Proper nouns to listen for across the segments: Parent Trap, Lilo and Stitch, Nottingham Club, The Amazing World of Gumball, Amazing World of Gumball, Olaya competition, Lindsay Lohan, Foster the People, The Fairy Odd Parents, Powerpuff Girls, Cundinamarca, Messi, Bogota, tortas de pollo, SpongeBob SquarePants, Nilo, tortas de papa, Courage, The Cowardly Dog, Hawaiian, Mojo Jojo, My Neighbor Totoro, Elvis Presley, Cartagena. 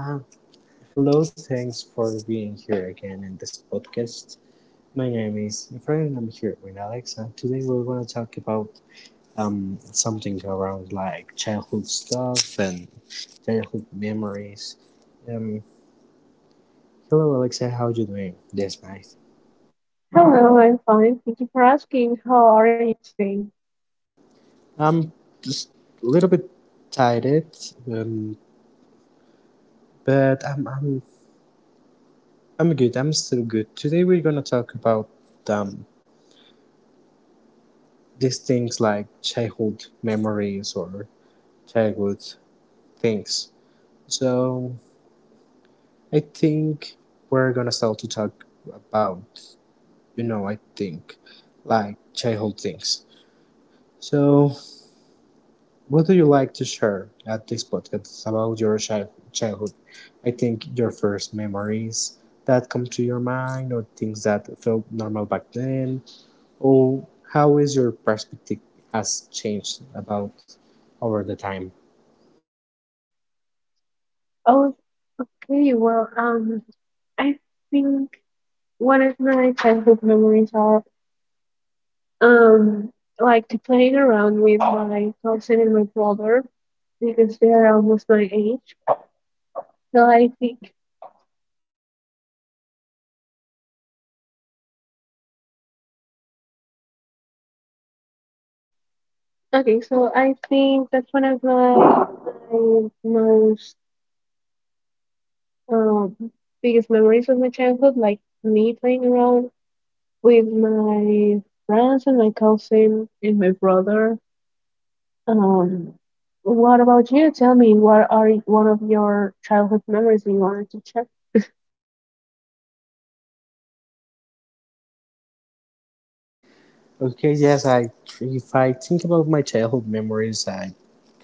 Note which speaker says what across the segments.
Speaker 1: Uh, Hello, thanks for being here again in this podcast. My name is Efrain. I'm here with Alexa. Today we're going to talk about something around like childhood stuff and childhood memories. Um, Hello, Alexa. How you doing this night?
Speaker 2: Hello, I'm fine. Thank you for asking. How are you today?
Speaker 1: I'm just a little bit tired, um, but I'm I'm good. I'm still good. Today we're gonna talk about um, these things like childhood memories or childhood things. So I think we're gonna start to talk about, I think like childhood things. So what do you like to share at this podcast about your childhood? I think your first memories that come to your mind or things that felt normal back then, or how is your perspective has changed about over the time.
Speaker 2: Oh, okay. I think one of my childhood memories are um like to playing around with my cousin and my brother because they are almost my age. So I think okay. So I think that's one of my my most um biggest memories of my childhood, like me playing around with my friends and my cousin and my brother. Um, what about you? Tell me, one of your childhood memories you wanted to check?
Speaker 1: Okay, yes, I, if I think about my childhood memories, I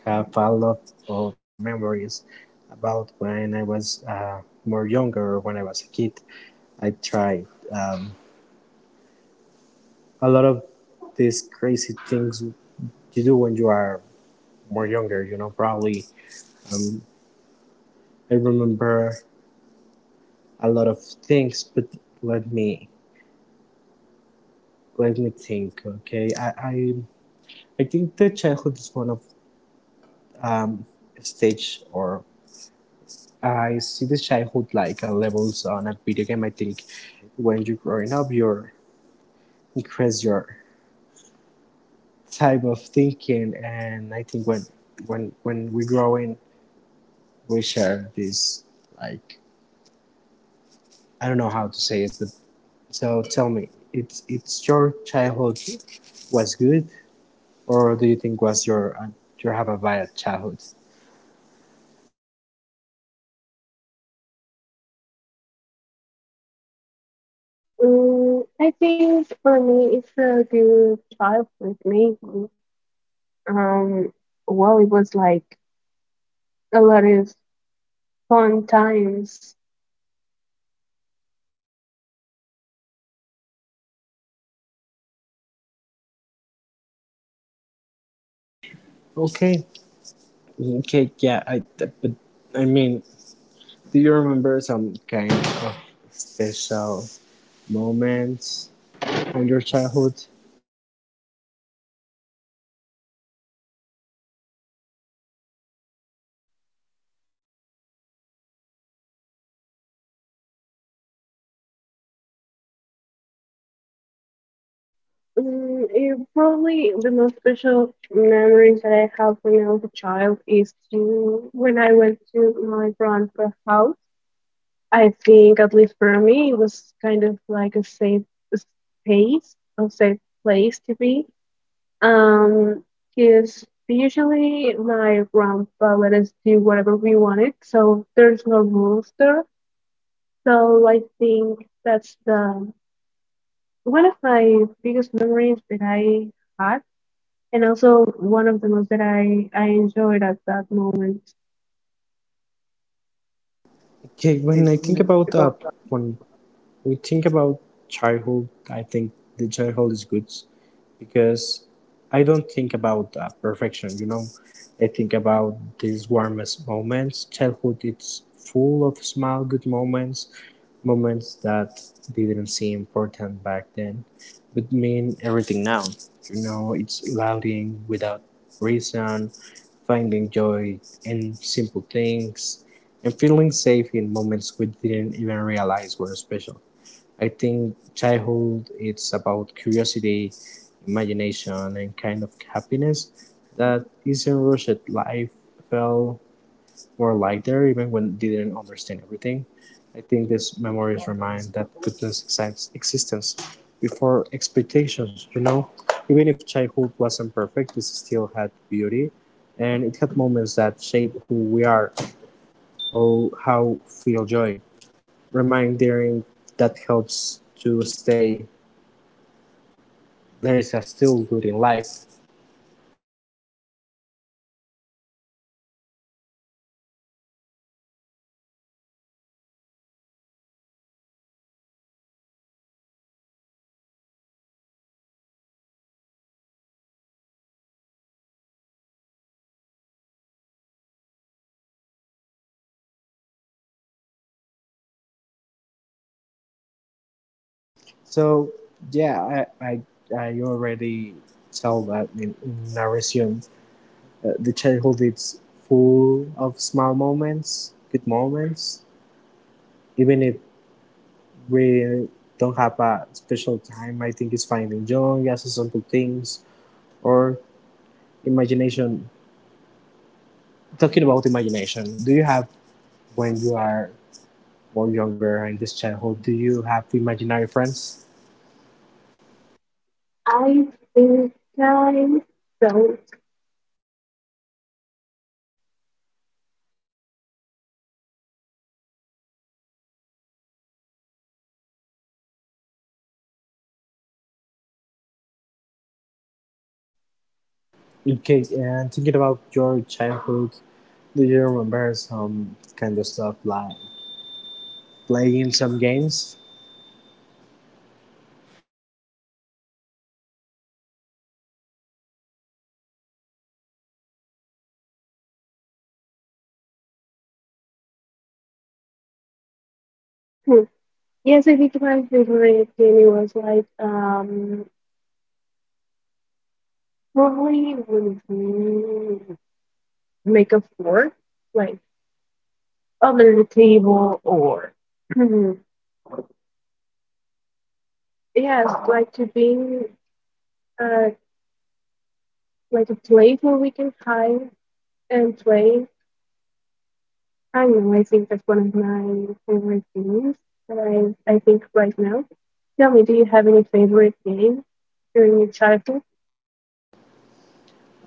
Speaker 1: have a lot of memories about when I was more younger, when I was a kid. I tried um, a lot of these crazy things you do when you are more younger. You know, probably um, I remember a lot of things, but let me let me think. Okay, I think the childhood is one of um, stage, or I see the childhood like levels on a video game. I think when you're growing up, you increase your type of thinking, and I think when when we growing, we share this like, I don't know how to say it, but so tell me, it's your childhood was good, or do you think was your you have a bad childhood?
Speaker 2: I think for me, it's a good childhood, maybe. Um, well, it was like a lot of fun times.
Speaker 1: Okay, okay, yeah, I, but I mean, do you remember some kind of special moments in your childhood?
Speaker 2: It probably the most special memories that I have when I was a child is to when I went to my grandpa's house. I think, at least for me, it was kind of like a safe space, a safe place to be. Um, because usually my grandpa let us do whatever we wanted, so there's no rules there. So I think that's the one of my biggest memories that I had, and also one of the most that I enjoyed at that moment.
Speaker 1: Okay, when I think about when we think about childhood, I think the childhood is good because I don't think about perfection. You know, I think about these warmest moments. Childhood, it's full of small good moments. Moments that didn't seem important back then, but mean everything now. You know, it's laughing without reason, finding joy in simple things, and feeling safe in moments we didn't even realize were special. I think childhood it's about curiosity, imagination, and kind of happiness that isn't rushed. Life felt were light there even when they didn't understand everything. I think these memories remind that goodness exists existence before expectations, you know? Even if childhood wasn't perfect, this still had beauty, and it had moments that shape who we are or how feel joy. Reminding that helps to stay there is a still good in life. So yeah, I I, I already tell that in our resume the childhood is full of small moments, good moments. Even if we don't have a special time, I think it's finding joy, as simple things, or imagination. Talking about imagination, do you have, when you are more younger in this childhood, do you have imaginary friends?
Speaker 2: I think I felt.
Speaker 1: Okay, and thinking about your childhood, do you remember some kind of stuff like playing some games?
Speaker 2: Yes, I think my favorite movie was like probably would be Make a Four, like under the table. Yes, like to be uh like a place where we can hide and play. I don't know, I think that's one of my favorite games that I think right now. Tell me, do you have any favorite game during your childhood?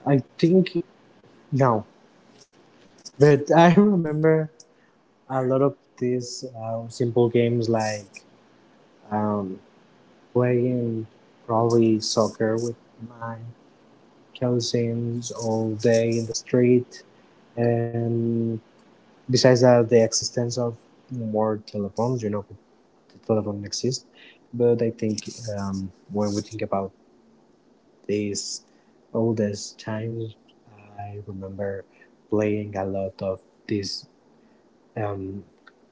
Speaker 1: I think no, but I remember a lot of these simple games like um, playing probably soccer with my cousins all day in the street. And besides that, the existence of more telephones, you know, the telephone exists, but I think when we think about these oldest times, I remember playing a lot of these um,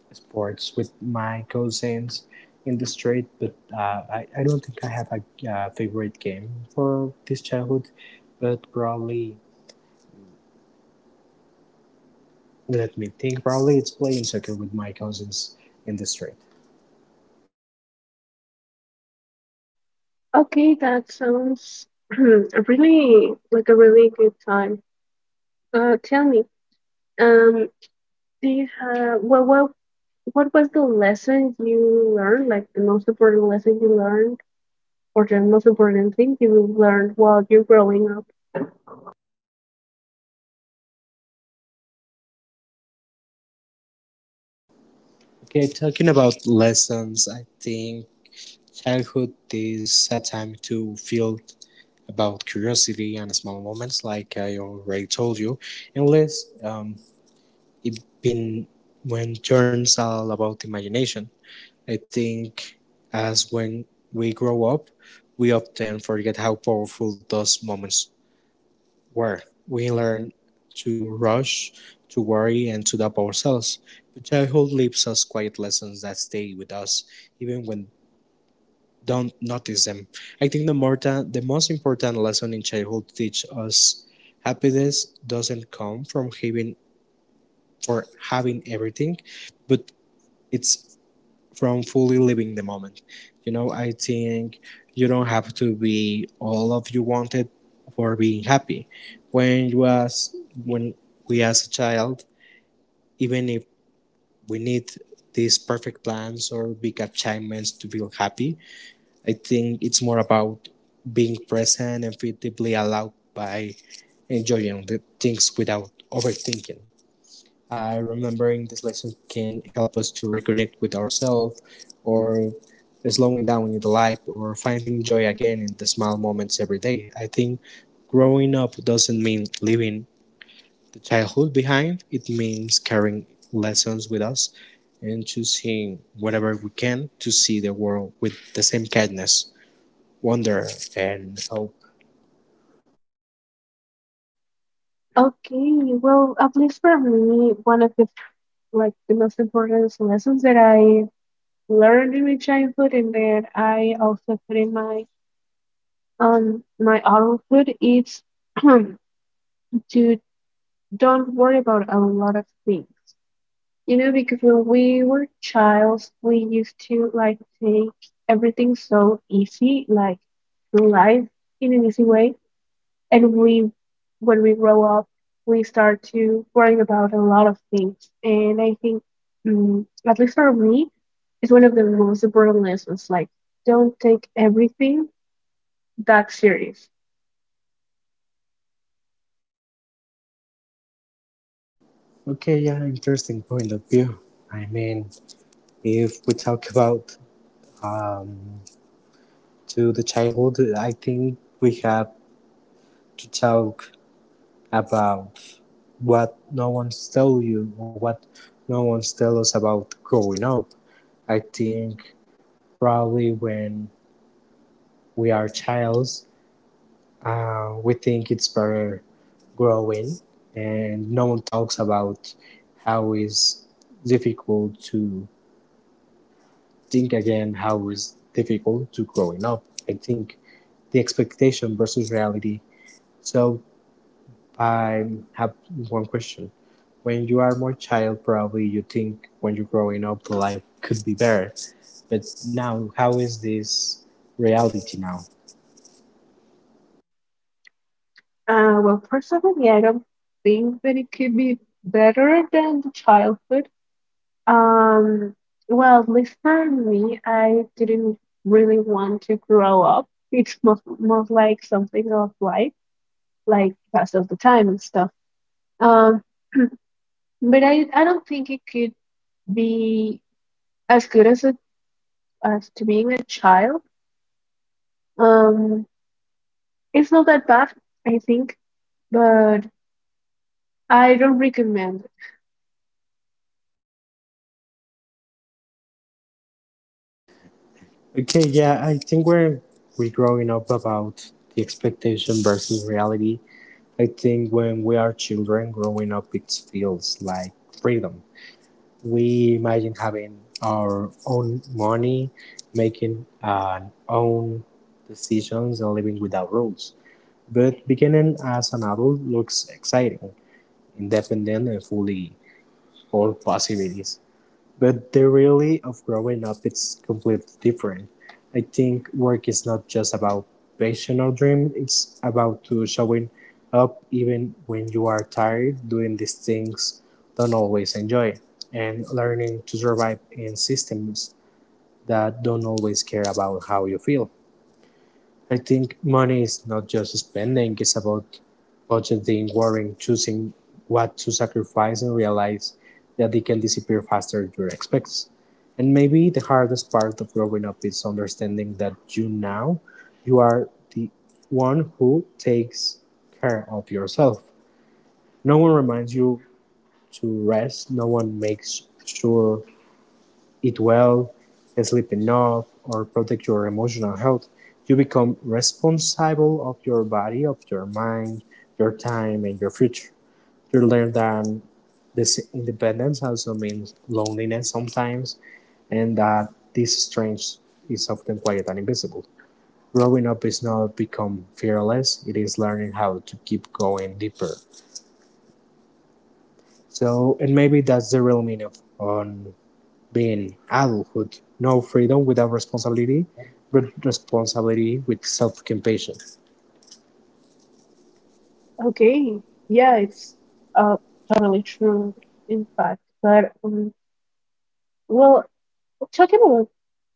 Speaker 1: sports with my cousins in the street, but I don't think I have a favorite game for this childhood. But probably, let me think, probably it's playing soccer with my cousins in the street.
Speaker 2: Okay, that sounds really like a really good time. Uh, tell me, Um, do you have what was the lesson you learned? Like the most important lesson you learned, or the most important thing you learned while you're growing up?
Speaker 1: Okay, talking about lessons, I think childhood is a time to feel about curiosity and small moments, like I already told you, unless it been when turns all about imagination. I think as when we grow up, we often forget how powerful those moments were. We learn to rush, to worry, and to doubt ourselves. But childhood leaves us quiet lessons that stay with us, even when don't notice them. I think the the most important lesson in childhood teach us happiness doesn't come from having for having everything, but it's from fully living the moment. You know, I think you don't have to be all of you wanted for being happy. When you as when we as a child, even if we need these perfect plans or big achievements to feel happy, I think it's more about being present and feel deeply allowed by enjoying the things without overthinking. Remembering this lesson can help us to reconnect with ourselves, or slowing down in the life, or finding joy again in the small moments every day. I think growing up doesn't mean leaving the childhood behind, it means carrying lessons with us and choosing whatever we can to see the world with the same kindness, wonder, and hope.
Speaker 2: Okay, well, at least for me, one of the like the most important lessons that I learned in my childhood and that I also put in my my adulthood is to don't worry about a lot of things. You know, because when we were childs, we used to like take everything so easy, like through life in an easy way. And when we grow up, we start to worry about a lot of things. And I think, at least for me, it's one of the most important lessons. Like, don't take everything that serious.
Speaker 1: Okay, yeah, interesting point of view. I mean, if we talk about um, to the childhood, I think we have to talk about what no one's tell you, or what no one's tell us about growing up. I think probably when we are childs, we think it's better growing, and no one talks about how is difficult to think again, how is difficult to growing up. I think the expectation versus reality. So I have one question. When you are more child, probably you think when you're growing up, life could be better. But now, how is this reality now?
Speaker 2: Well, personally, I don't think that it could be better than the childhood. Um, well, this time me, I didn't really want to grow up. It's most, most like something of life, like pass of the time and stuff. Um, but I don't think it could be as good as a, as to being a child. Um, it's not that bad, I think, but I don't recommend it.
Speaker 1: Okay, yeah, I think we're growing up about the expectation versus reality. I think when we are children growing up, it feels like freedom. We imagine having our own money, making our own decisions, and living without rules. But beginning as an adult looks exciting, independent, and fully of possibilities. But the reality of growing up is completely different. I think work is not just about passion or dream, it's about to showing up even when you are tired, doing these things don't always enjoy, and learning to survive in systems that don't always care about how you feel. I think money is not just spending, it's about budgeting, worrying, choosing what to sacrifice, and realize that it can disappear faster than you expect. And maybe the hardest part of growing up is understanding that you now you are the one who takes care of yourself. No one reminds you to rest, no one makes sure eat well, sleep enough, or protect your emotional health, you become responsible of your body, of your mind, your time, and your future. You learn that this independence also means loneliness sometimes, and that this strength is often quiet and invisible. Growing up is not become fearless; it is learning how to keep going deeper. So, and maybe that's the real meaning of on being adulthood, no freedom without responsibility, but responsibility with self-compassion.
Speaker 2: Okay, yeah, it's uh totally true, in fact. But well, talking about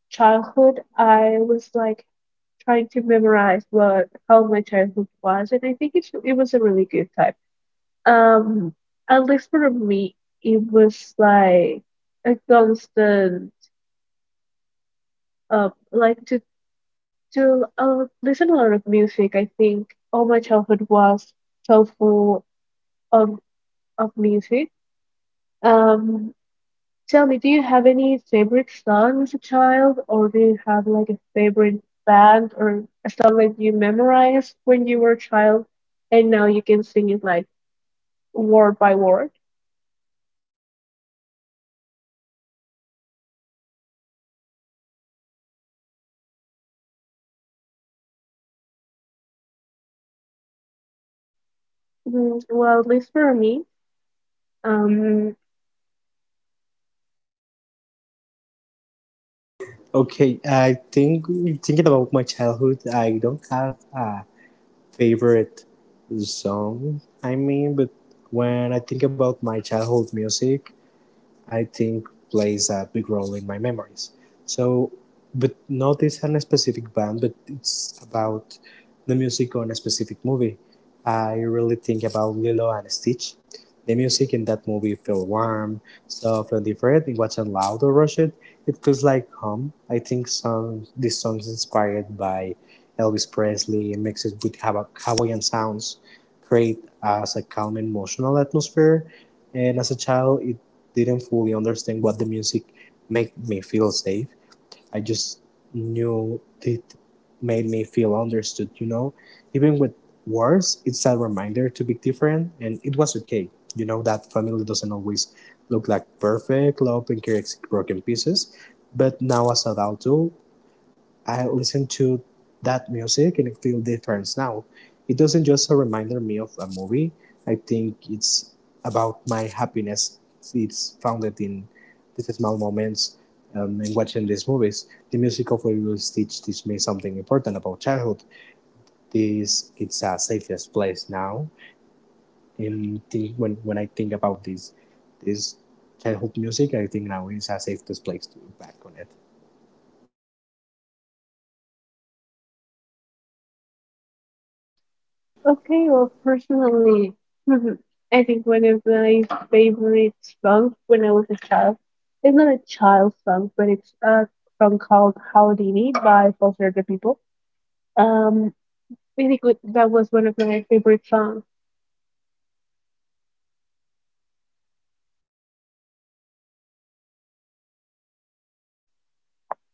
Speaker 2: childhood, I was like trying to memorize what how my childhood was, and I think it was a really good time. Um, at least for me, it was like a constant, like to listen a lot of music. I think all my childhood was so full of of music. Um, Tell me, do you have any favorite song as a child, or do you have like a favorite band or a song that you memorized when you were a child and now you can sing it like word by word? Mm, well, at least for me, um,
Speaker 1: Okay, I think thinking about my childhood, I don't have a favorite song. I mean, but when I think about my childhood music, I think plays a big role in my memories. So, but not it's on a specific band, but it's about the music on a specific movie. I really think about Lilo and Stitch. The music in that movie feel warm, soft, and different. It wasn't loud or rushed. It feels like home. I think some this song is inspired by Elvis Presley and mixes with Hawaiian sounds, create as a calm emotional atmosphere. And as a child, it didn't fully understand what the music made me feel safe. I just knew it made me feel understood, you know? Even with words, it's a reminder to be different, and it was okay. You know that family doesn't always look like perfect love and care broken pieces. But now as an adult too, I listen to that music and I feel different now. It doesn't just remind me of a movie. I think it's about my happiness. It's founded in these small moments in watching these movies. The music of Lilo and Stitch teach me something important about childhood. This it's a safest place now. And think when I think about this this childhood music, I think now is a safest place to back on it.
Speaker 2: okay, well, personally, I think one of my favorite songs when I was a child. It's not a child song, but it's a song called Houdini by Foster the People. Um, Really good. That was one of my favorite songs.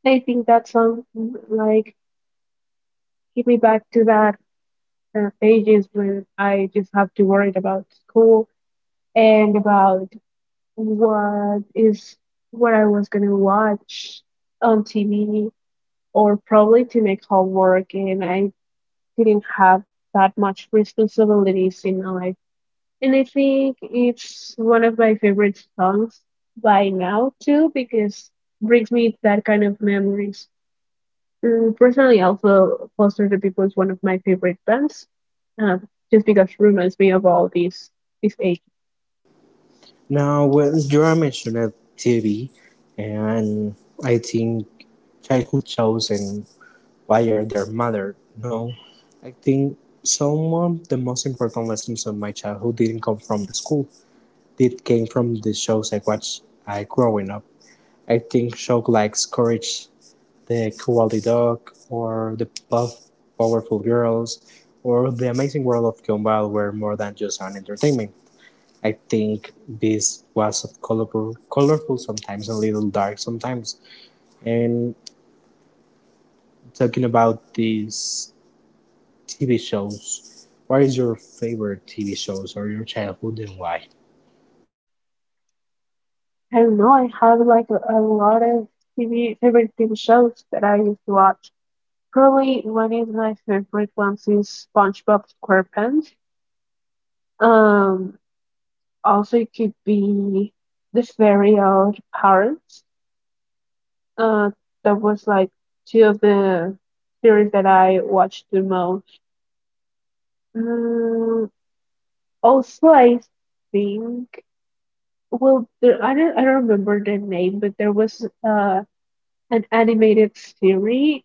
Speaker 2: I think that song like give me back to that pages when I just have to worry about school and about what is what I was gonna watch on TV or probably to make homework, and I didn't have that much responsibilities in my life. And I think it's one of my favorite songs by now too because brings me that kind of memories. Personally, also Foster the People is one of my favorite bands, uh, just because it reminds me of all these age.
Speaker 1: Now, well, you mentioned of TV, and I think childhood shows and why are their mother? No, I think some of the most important lessons of my childhood didn't come from the school. It came from the shows I watched I growing up. I think shows like Courage, The Cowardly Dog, or The Puff, Powerful Girls, or The Amazing World of Gumball were more than just an entertainment. I think this was colorful, colorful sometimes, a little dark sometimes. And talking about these TV shows, what is your favorite TV shows or your childhood and why?
Speaker 2: I don't know. I have like a lot of TV favorite TV shows that I used to watch. Probably one of my favorite ones is SpongeBob SquarePants. Um, Also it could be The Fairy Odd Parents. Uh, that was like two of the series that I watched the most. Mm, Also, I think well, there, I don't remember the name, but there was an animated series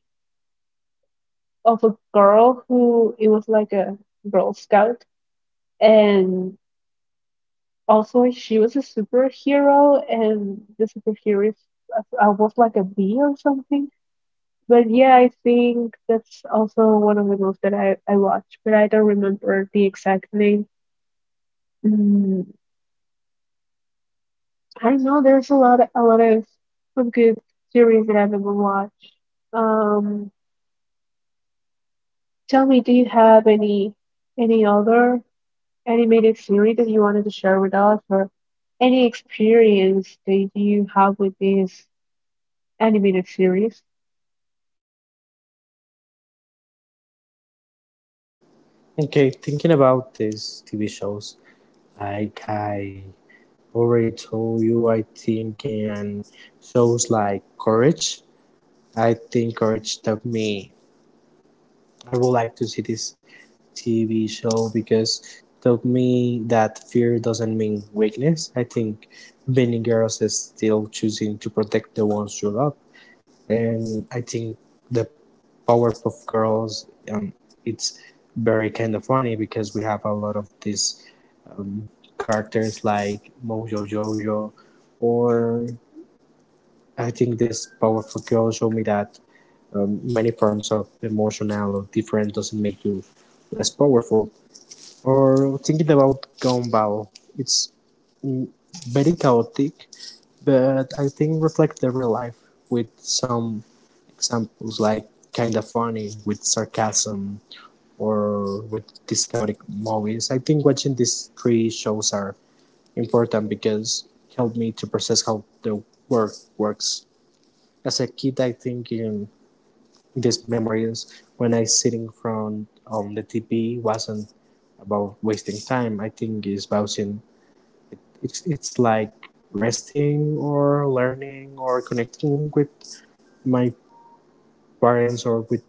Speaker 2: of a girl who it was like a Girl Scout, and also she was a superhero, and the superhero is- I was like a bee or something. But yeah, I think that's also one of the movies that I watched, but I don't remember the exact name. Mm, I know there's a lot of good series that I've ever watched. Um, Tell me, do you have any other animated series that you wanted to share with us, or any experience that you have with this animated series?
Speaker 1: Okay, thinking about these TV shows, like I already told you, I think in shows like Courage. I think Courage taught me I would like to see this TV show because it taught me that fear doesn't mean weakness. I think many girls are still choosing to protect the ones you love, and I think the Powerpuff Girls, it's very kind of funny because we have a lot of these um, characters like Mojo Jojo, or I think this Powerpuff Girl showed me that many forms of emotional or different doesn't make you less powerful. Or thinking about Gumball, it's mm, very chaotic, but I think reflects the real life with some examples like kinda funny with sarcasm or with these chaotic movies. I think watching these three shows are important because help me to process how the work works. As a kid, I think these memories when I sitting from on the TV wasn't about wasting time. I think it's about in, it, it's like resting or learning or connecting with my parents or with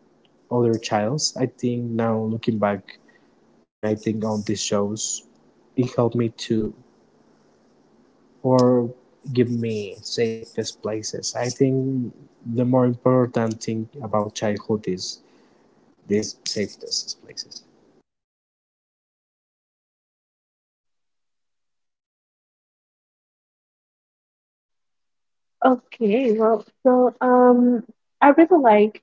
Speaker 1: other childs. I think now looking back when I think on these shows, it helped me to or give me safest places. I think the more important thing about childhood is these safest places.
Speaker 2: Okay, well, so um, I really like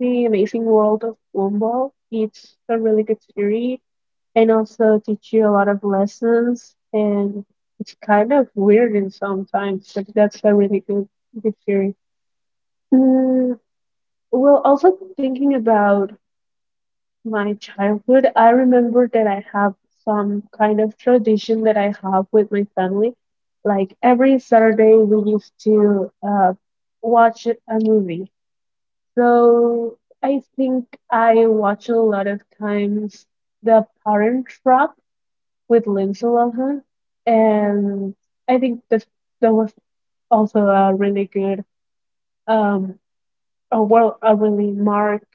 Speaker 2: The Amazing World of Gumball. It's a really good series, and also teach you a lot of lessons. And it's kind of weird in sometimes, but that's a really good good series. Mm, well, also thinking about my childhood, I remember that I have some kind of tradition that I have with my family. Like every Saturday, we used to watch a movie. So I think I watch a lot of times the Parent Trap with Lindsay Lohan, and I think that that was also a really good um a a really marked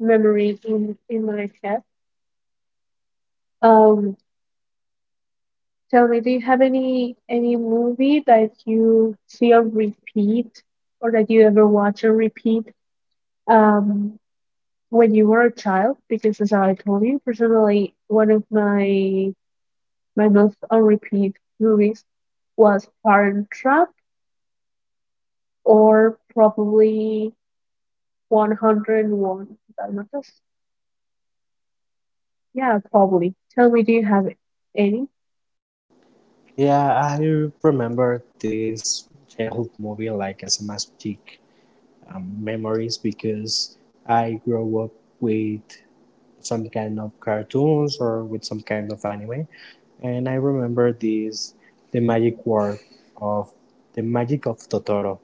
Speaker 2: memory in my head. Um, Tell me, do you have any movie that you see on repeat or that you ever watch on repeat? Um, when you were a child, because as I told you, personally, one of my my most on repeat movies was Parent Trap, or probably 101 dalmatas. Yeah, probably. Tell me, do you have any?
Speaker 1: Yeah, I remember this childhood movie like as a magic memories because I grew up with some kind of cartoons or with some kind of anime, and I remember this the magic word of the magic of Totoro.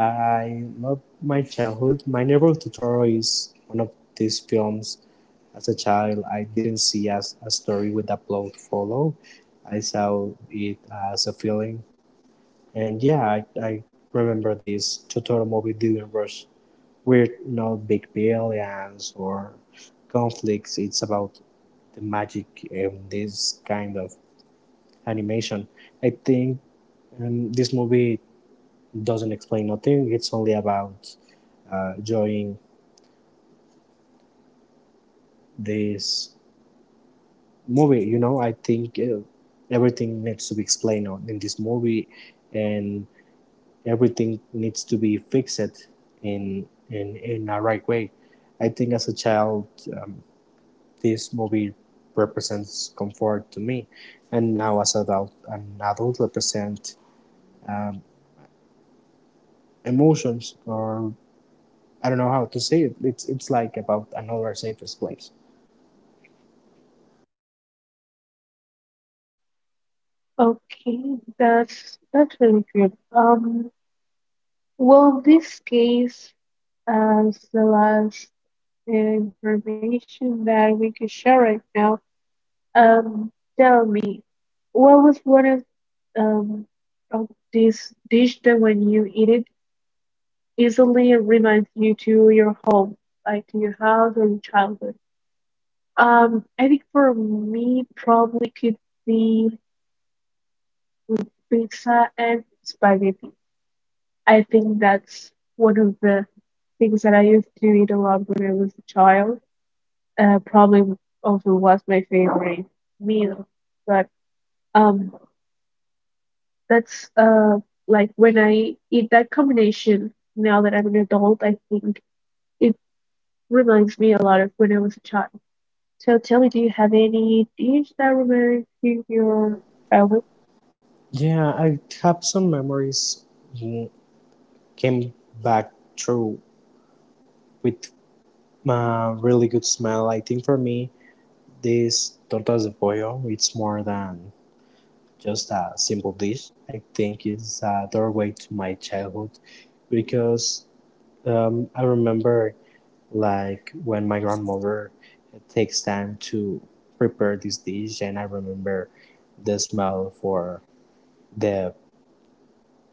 Speaker 1: I love my childhood. My neighbor Totoro is one of these films. As a child, I didn't see as a story with a plot follow. I saw it as a feeling and yeah, I remember these Totoro movie universe. We're not big billions or conflicts. It's about the magic in this kind of animation. I think this movie doesn't explain nothing. It's only about enjoying this movie. You know, I think everything needs to be explained in this movie, and everything needs to be fixed in a right way. I think as a child, um, this movie represents comfort to me, and now as adult, an adult represent emotions or I don't know how to say it. It's like about another safest place.
Speaker 2: Okay, that's really good. Well, this case as the last information that we can share right now. Um, Tell me, what was one um of this dish that when you eat it easily reminds you to your home, like to your house or your childhood? I think for me, probably could be with pizza and spaghetti. I think that's one of the things that I used to eat a lot when I was a child. Probably also was my favorite meal. But um, that's like when I eat that combination now that I'm an adult, I think it reminds me a lot of when I was a child. So tell me, do you have any dish that reminds you of your childhood?
Speaker 1: Yeah, I have some memories. mm, Came back through with a really good smell. I think for me, this tortas de pollo, it's more than just a simple dish. I think it's a doorway to my childhood because I remember like when my grandmother takes time to prepare this dish and I remember the smell for the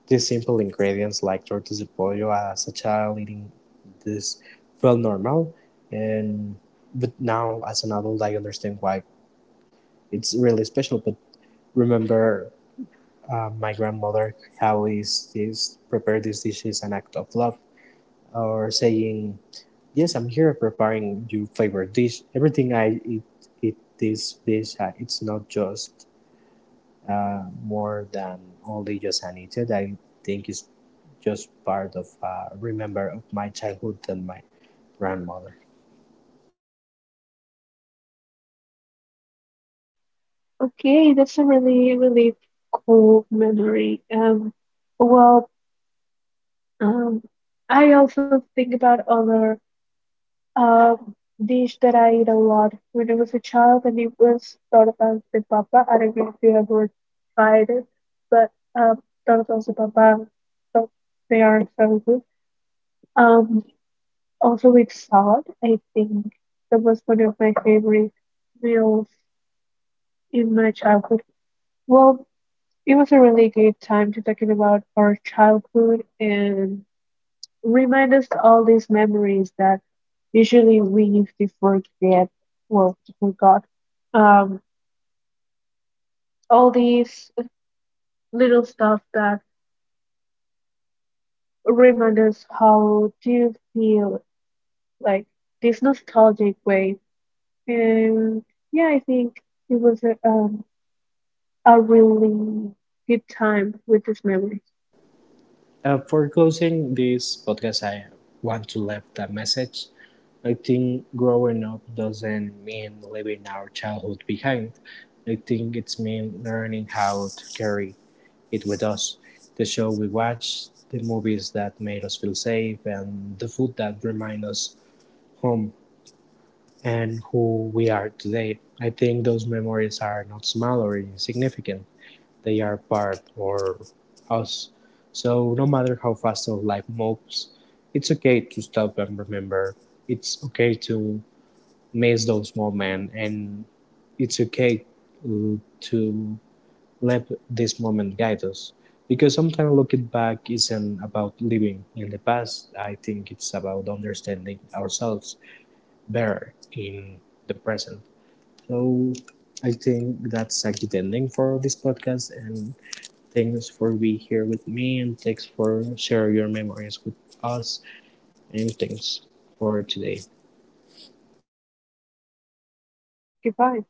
Speaker 1: the simple ingredients like tortas de pollo as a child eating this felt normal and but now as an adult I understand why it's really special but remember my grandmother always this prepare these dishes an act of love, or saying, "Yes, I'm here preparing your favorite dish. Everything I eat, eat this dish. It's not just more than only just an eaten. I think it's just part of remember of my childhood and my grandmother."
Speaker 2: Okay, that's a really, really cool memory. Well, um, I also think about other um dish that I eat a lot when I was a child, and it was tortas de papa. I don't know if you ever tried it, but tortas de papa, so they are so good. Um, Also with salad, I think that was one of my favorite meals in my childhood. Well, it was a really good time to talking about our childhood and remind us all these memories that usually we used to forget, well, to forgot. Um, all these little stuff that remind us how to feel, like this nostalgic way. And yeah, I think it was a really good time with these memories.
Speaker 1: For closing this podcast, I want to leave the message. I think growing up doesn't mean leaving our childhood behind. I think it's mean learning how to carry it with us. The show we watch, the movies that made us feel safe, and the food that remind us home and who we are today. I think those memories are not small or insignificant, they are part or us. So no matter how fast our life moves, it's okay to stop and remember. It's okay to miss those moments, and it's okay uh, to let this moment guide us. Because sometimes looking back isn't about living in the past. I think it's about understanding ourselves better in the present. So I think that's a good ending for this podcast, and thanks for being here with me and thanks for sharing your memories with us and thanks for today.
Speaker 2: Thank you for inviting me. Goodbye.